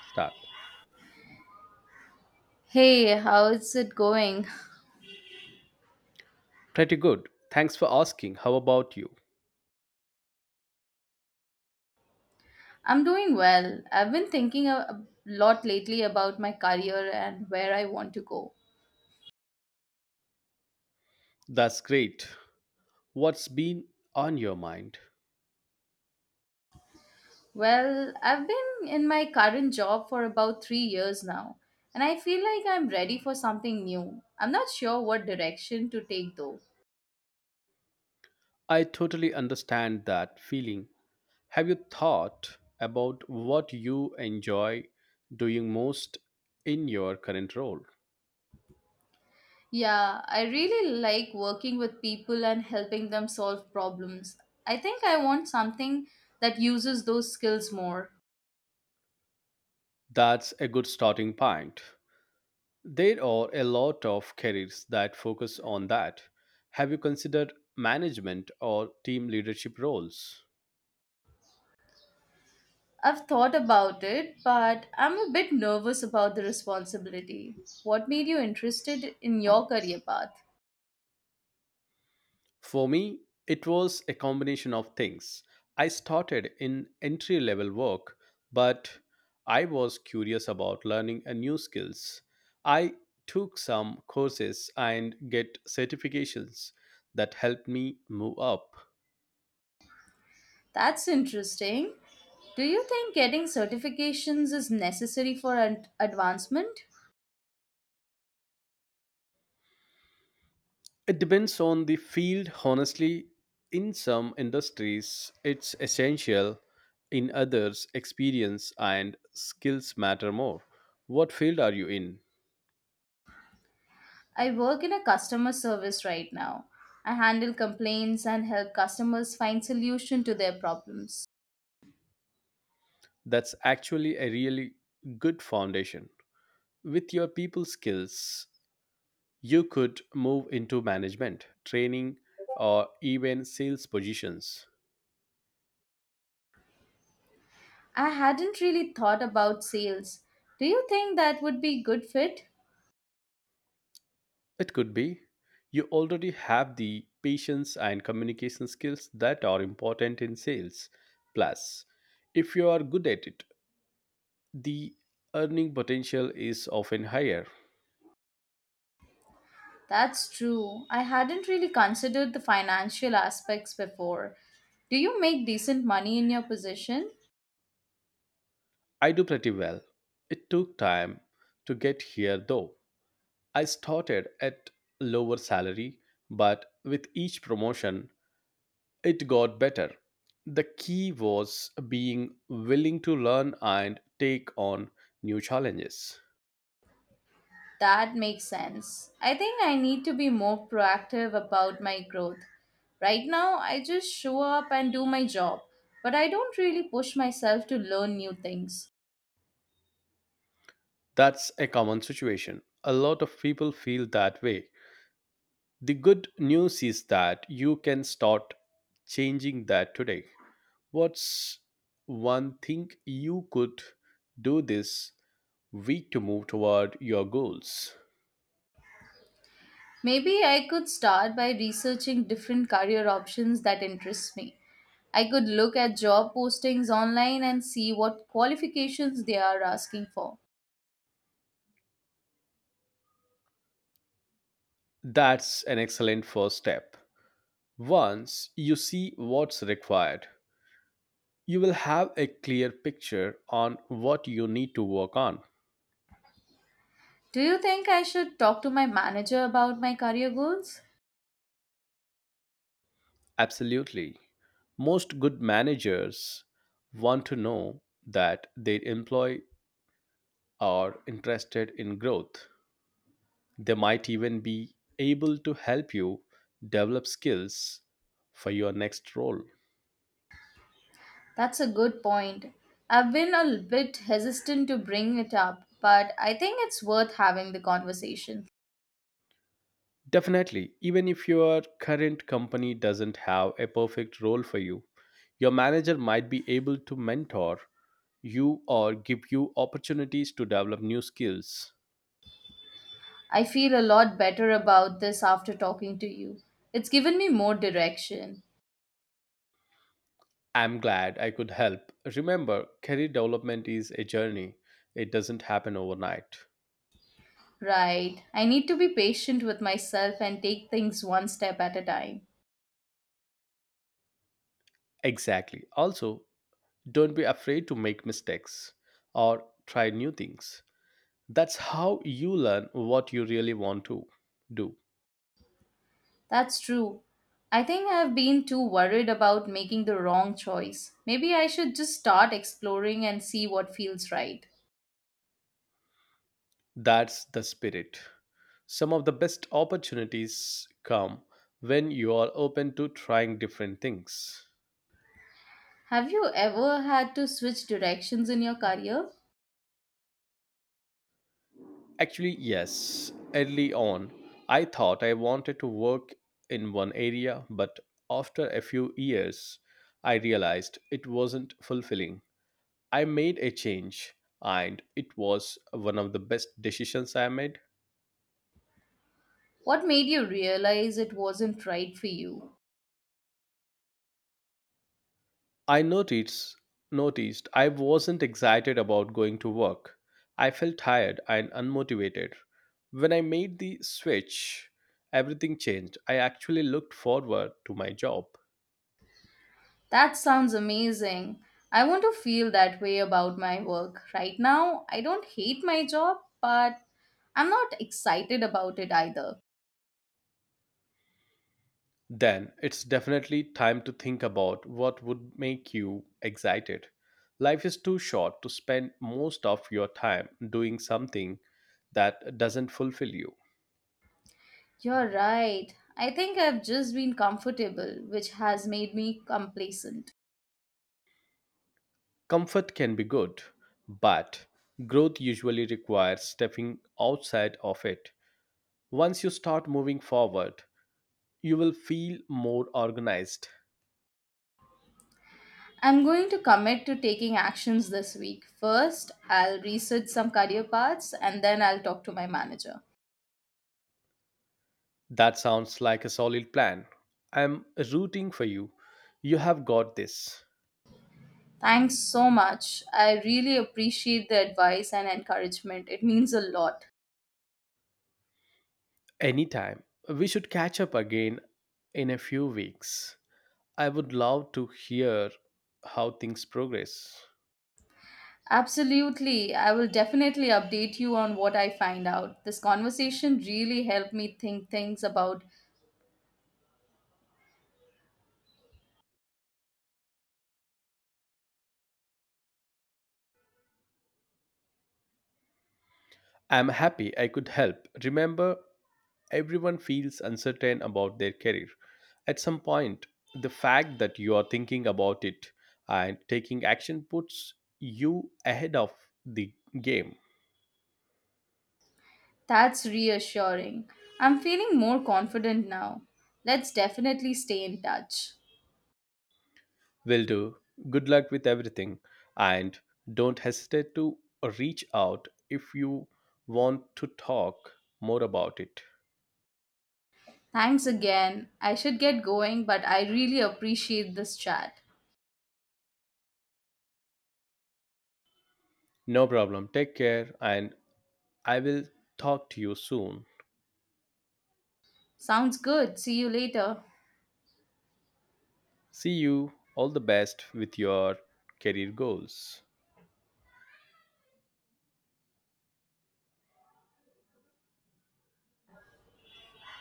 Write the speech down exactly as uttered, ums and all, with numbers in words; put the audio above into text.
Start. Hey, how's it going? Pretty good. Thanks for asking. How about you? I'm doing well. I've been thinking a a lot lately about my career and where I want to go. That's great. What's been on your mind? Well, I've been in my current job for about three years now, and I feel like I'm ready for something new. I'm not sure what direction to take though. I totally understand that feeling. Have you thought about what you enjoy doing most in your current role? Yeah, I really like working with people and helping them solve problems. I think I want something that uses those skills more. That's a good starting point. There are a lot of careers that focus on that. Have you considered management or team leadership roles? I've thought about it, but I'm a bit nervous about the responsibility. What made you interested in your career path? For me, it was a combination of things. I started in entry level work, but I was curious about learning a new skills. I took some courses and get certifications that helped me move up. That's interesting. Do you think getting certifications is necessary for ad- advancement? It depends on the field, honestly. In some industries, it's essential. In others, experience and skills matter more. What field are you in? I work in a customer service right now. I handle complaints and help customers find solution to their problems. That's actually a really good foundation. With your people skills, you could move into management, training, or even sales positions. I hadn't really thought about sales. Do you think that would be good fit? It could be you already have the patience and communication skills that are important in sales. Plus, if you are good at it, the earning potential is often higher. That's true. I hadn't really considered the financial aspects before. Do you make decent money in your position? I do pretty well. It took time to get here though. I started at lower salary, but with each promotion, it got better. The key was being willing to learn and take on new challenges. That makes sense. I think I need to be more proactive about my growth. Right now, I just show up and do my job, but I don't really push myself to learn new things. That's a common situation. A lot of people feel that way. The good news is that you can start changing that today. What's one thing you could do this week to move toward your goals? Maybe I could start by researching different career options that interest me. I could look at job postings online and see what qualifications they are asking for. That's an excellent first step. Once you see what's required, you will have a clear picture on what you need to work on. Do you think I should talk to my manager about my career goals? Absolutely. Most good managers want to know that their employee are interested in growth. They might even be able to help you develop skills for your next role. That's a good point. I've been a bit hesitant to bring it up, but I think it's worth having the conversation. Definitely, even if your current company doesn't have a perfect role for you, your manager might be able to mentor you or give you opportunities to develop new skills. I feel a lot better about this after talking to you. It's given me more direction. I'm glad I could help. Remember, career development is a journey, it doesn't happen overnight. Right, I need to be patient with myself and take things one step at a time. Exactly. Also, don't be afraid to make mistakes or try new things. That's how you learn what you really want to do. That's true. I think I have been too worried about making the wrong choice. Maybe I should just start exploring and see what feels right. That's the spirit. Some of the best opportunities come when you are open to trying different things. Have you ever had to switch directions in your career? Actually, yes, early on, I thought I wanted to work in one area, but after a few years, I realized it wasn't fulfilling. I made a change, and it was one of the best decisions I made. What made you realize it wasn't right for you? I noticed noticed I wasn't excited about going to work. I felt tired and unmotivated. When I made the switch, everything changed. I actually looked forward to my job. That sounds amazing. I want to feel that way about my work. Right now, I don't hate my job, but I'm not excited about it either. Then it's definitely time to think about what would make you excited. Life is too short to spend most of your time doing something that doesn't fulfill you. You're right. I think I've just been comfortable, which has made me complacent. Comfort can be good, but growth usually requires stepping outside of it. Once you start moving forward, you will feel more organized. I'm going to commit to taking actions this week. First, I'll research some career paths and then I'll talk to my manager. That sounds like a solid plan. I'm rooting for you. You have got this. Thanks so much. I really appreciate the advice and encouragement. It means a lot. Anytime. We should catch up again in a few weeks. I would love to hear how things progress. Absolutely. I will definitely update you on what I find out. This conversation really helped me think things about I'm happy I could help. Remember, everyone feels uncertain about their career. At some point, the fact that you are thinking about it and taking action puts you ahead of the game. that's reassuring. I'm feeling more confident now. Let's definitely stay in touch. Will do. Good luck with everything and don't hesitate to reach out if you want to talk more about it. Thanks again. I should get going, but I really appreciate this chat. No problem. Take care and I will talk to you soon. Sounds good. See you later. See you. All the best with your career goals.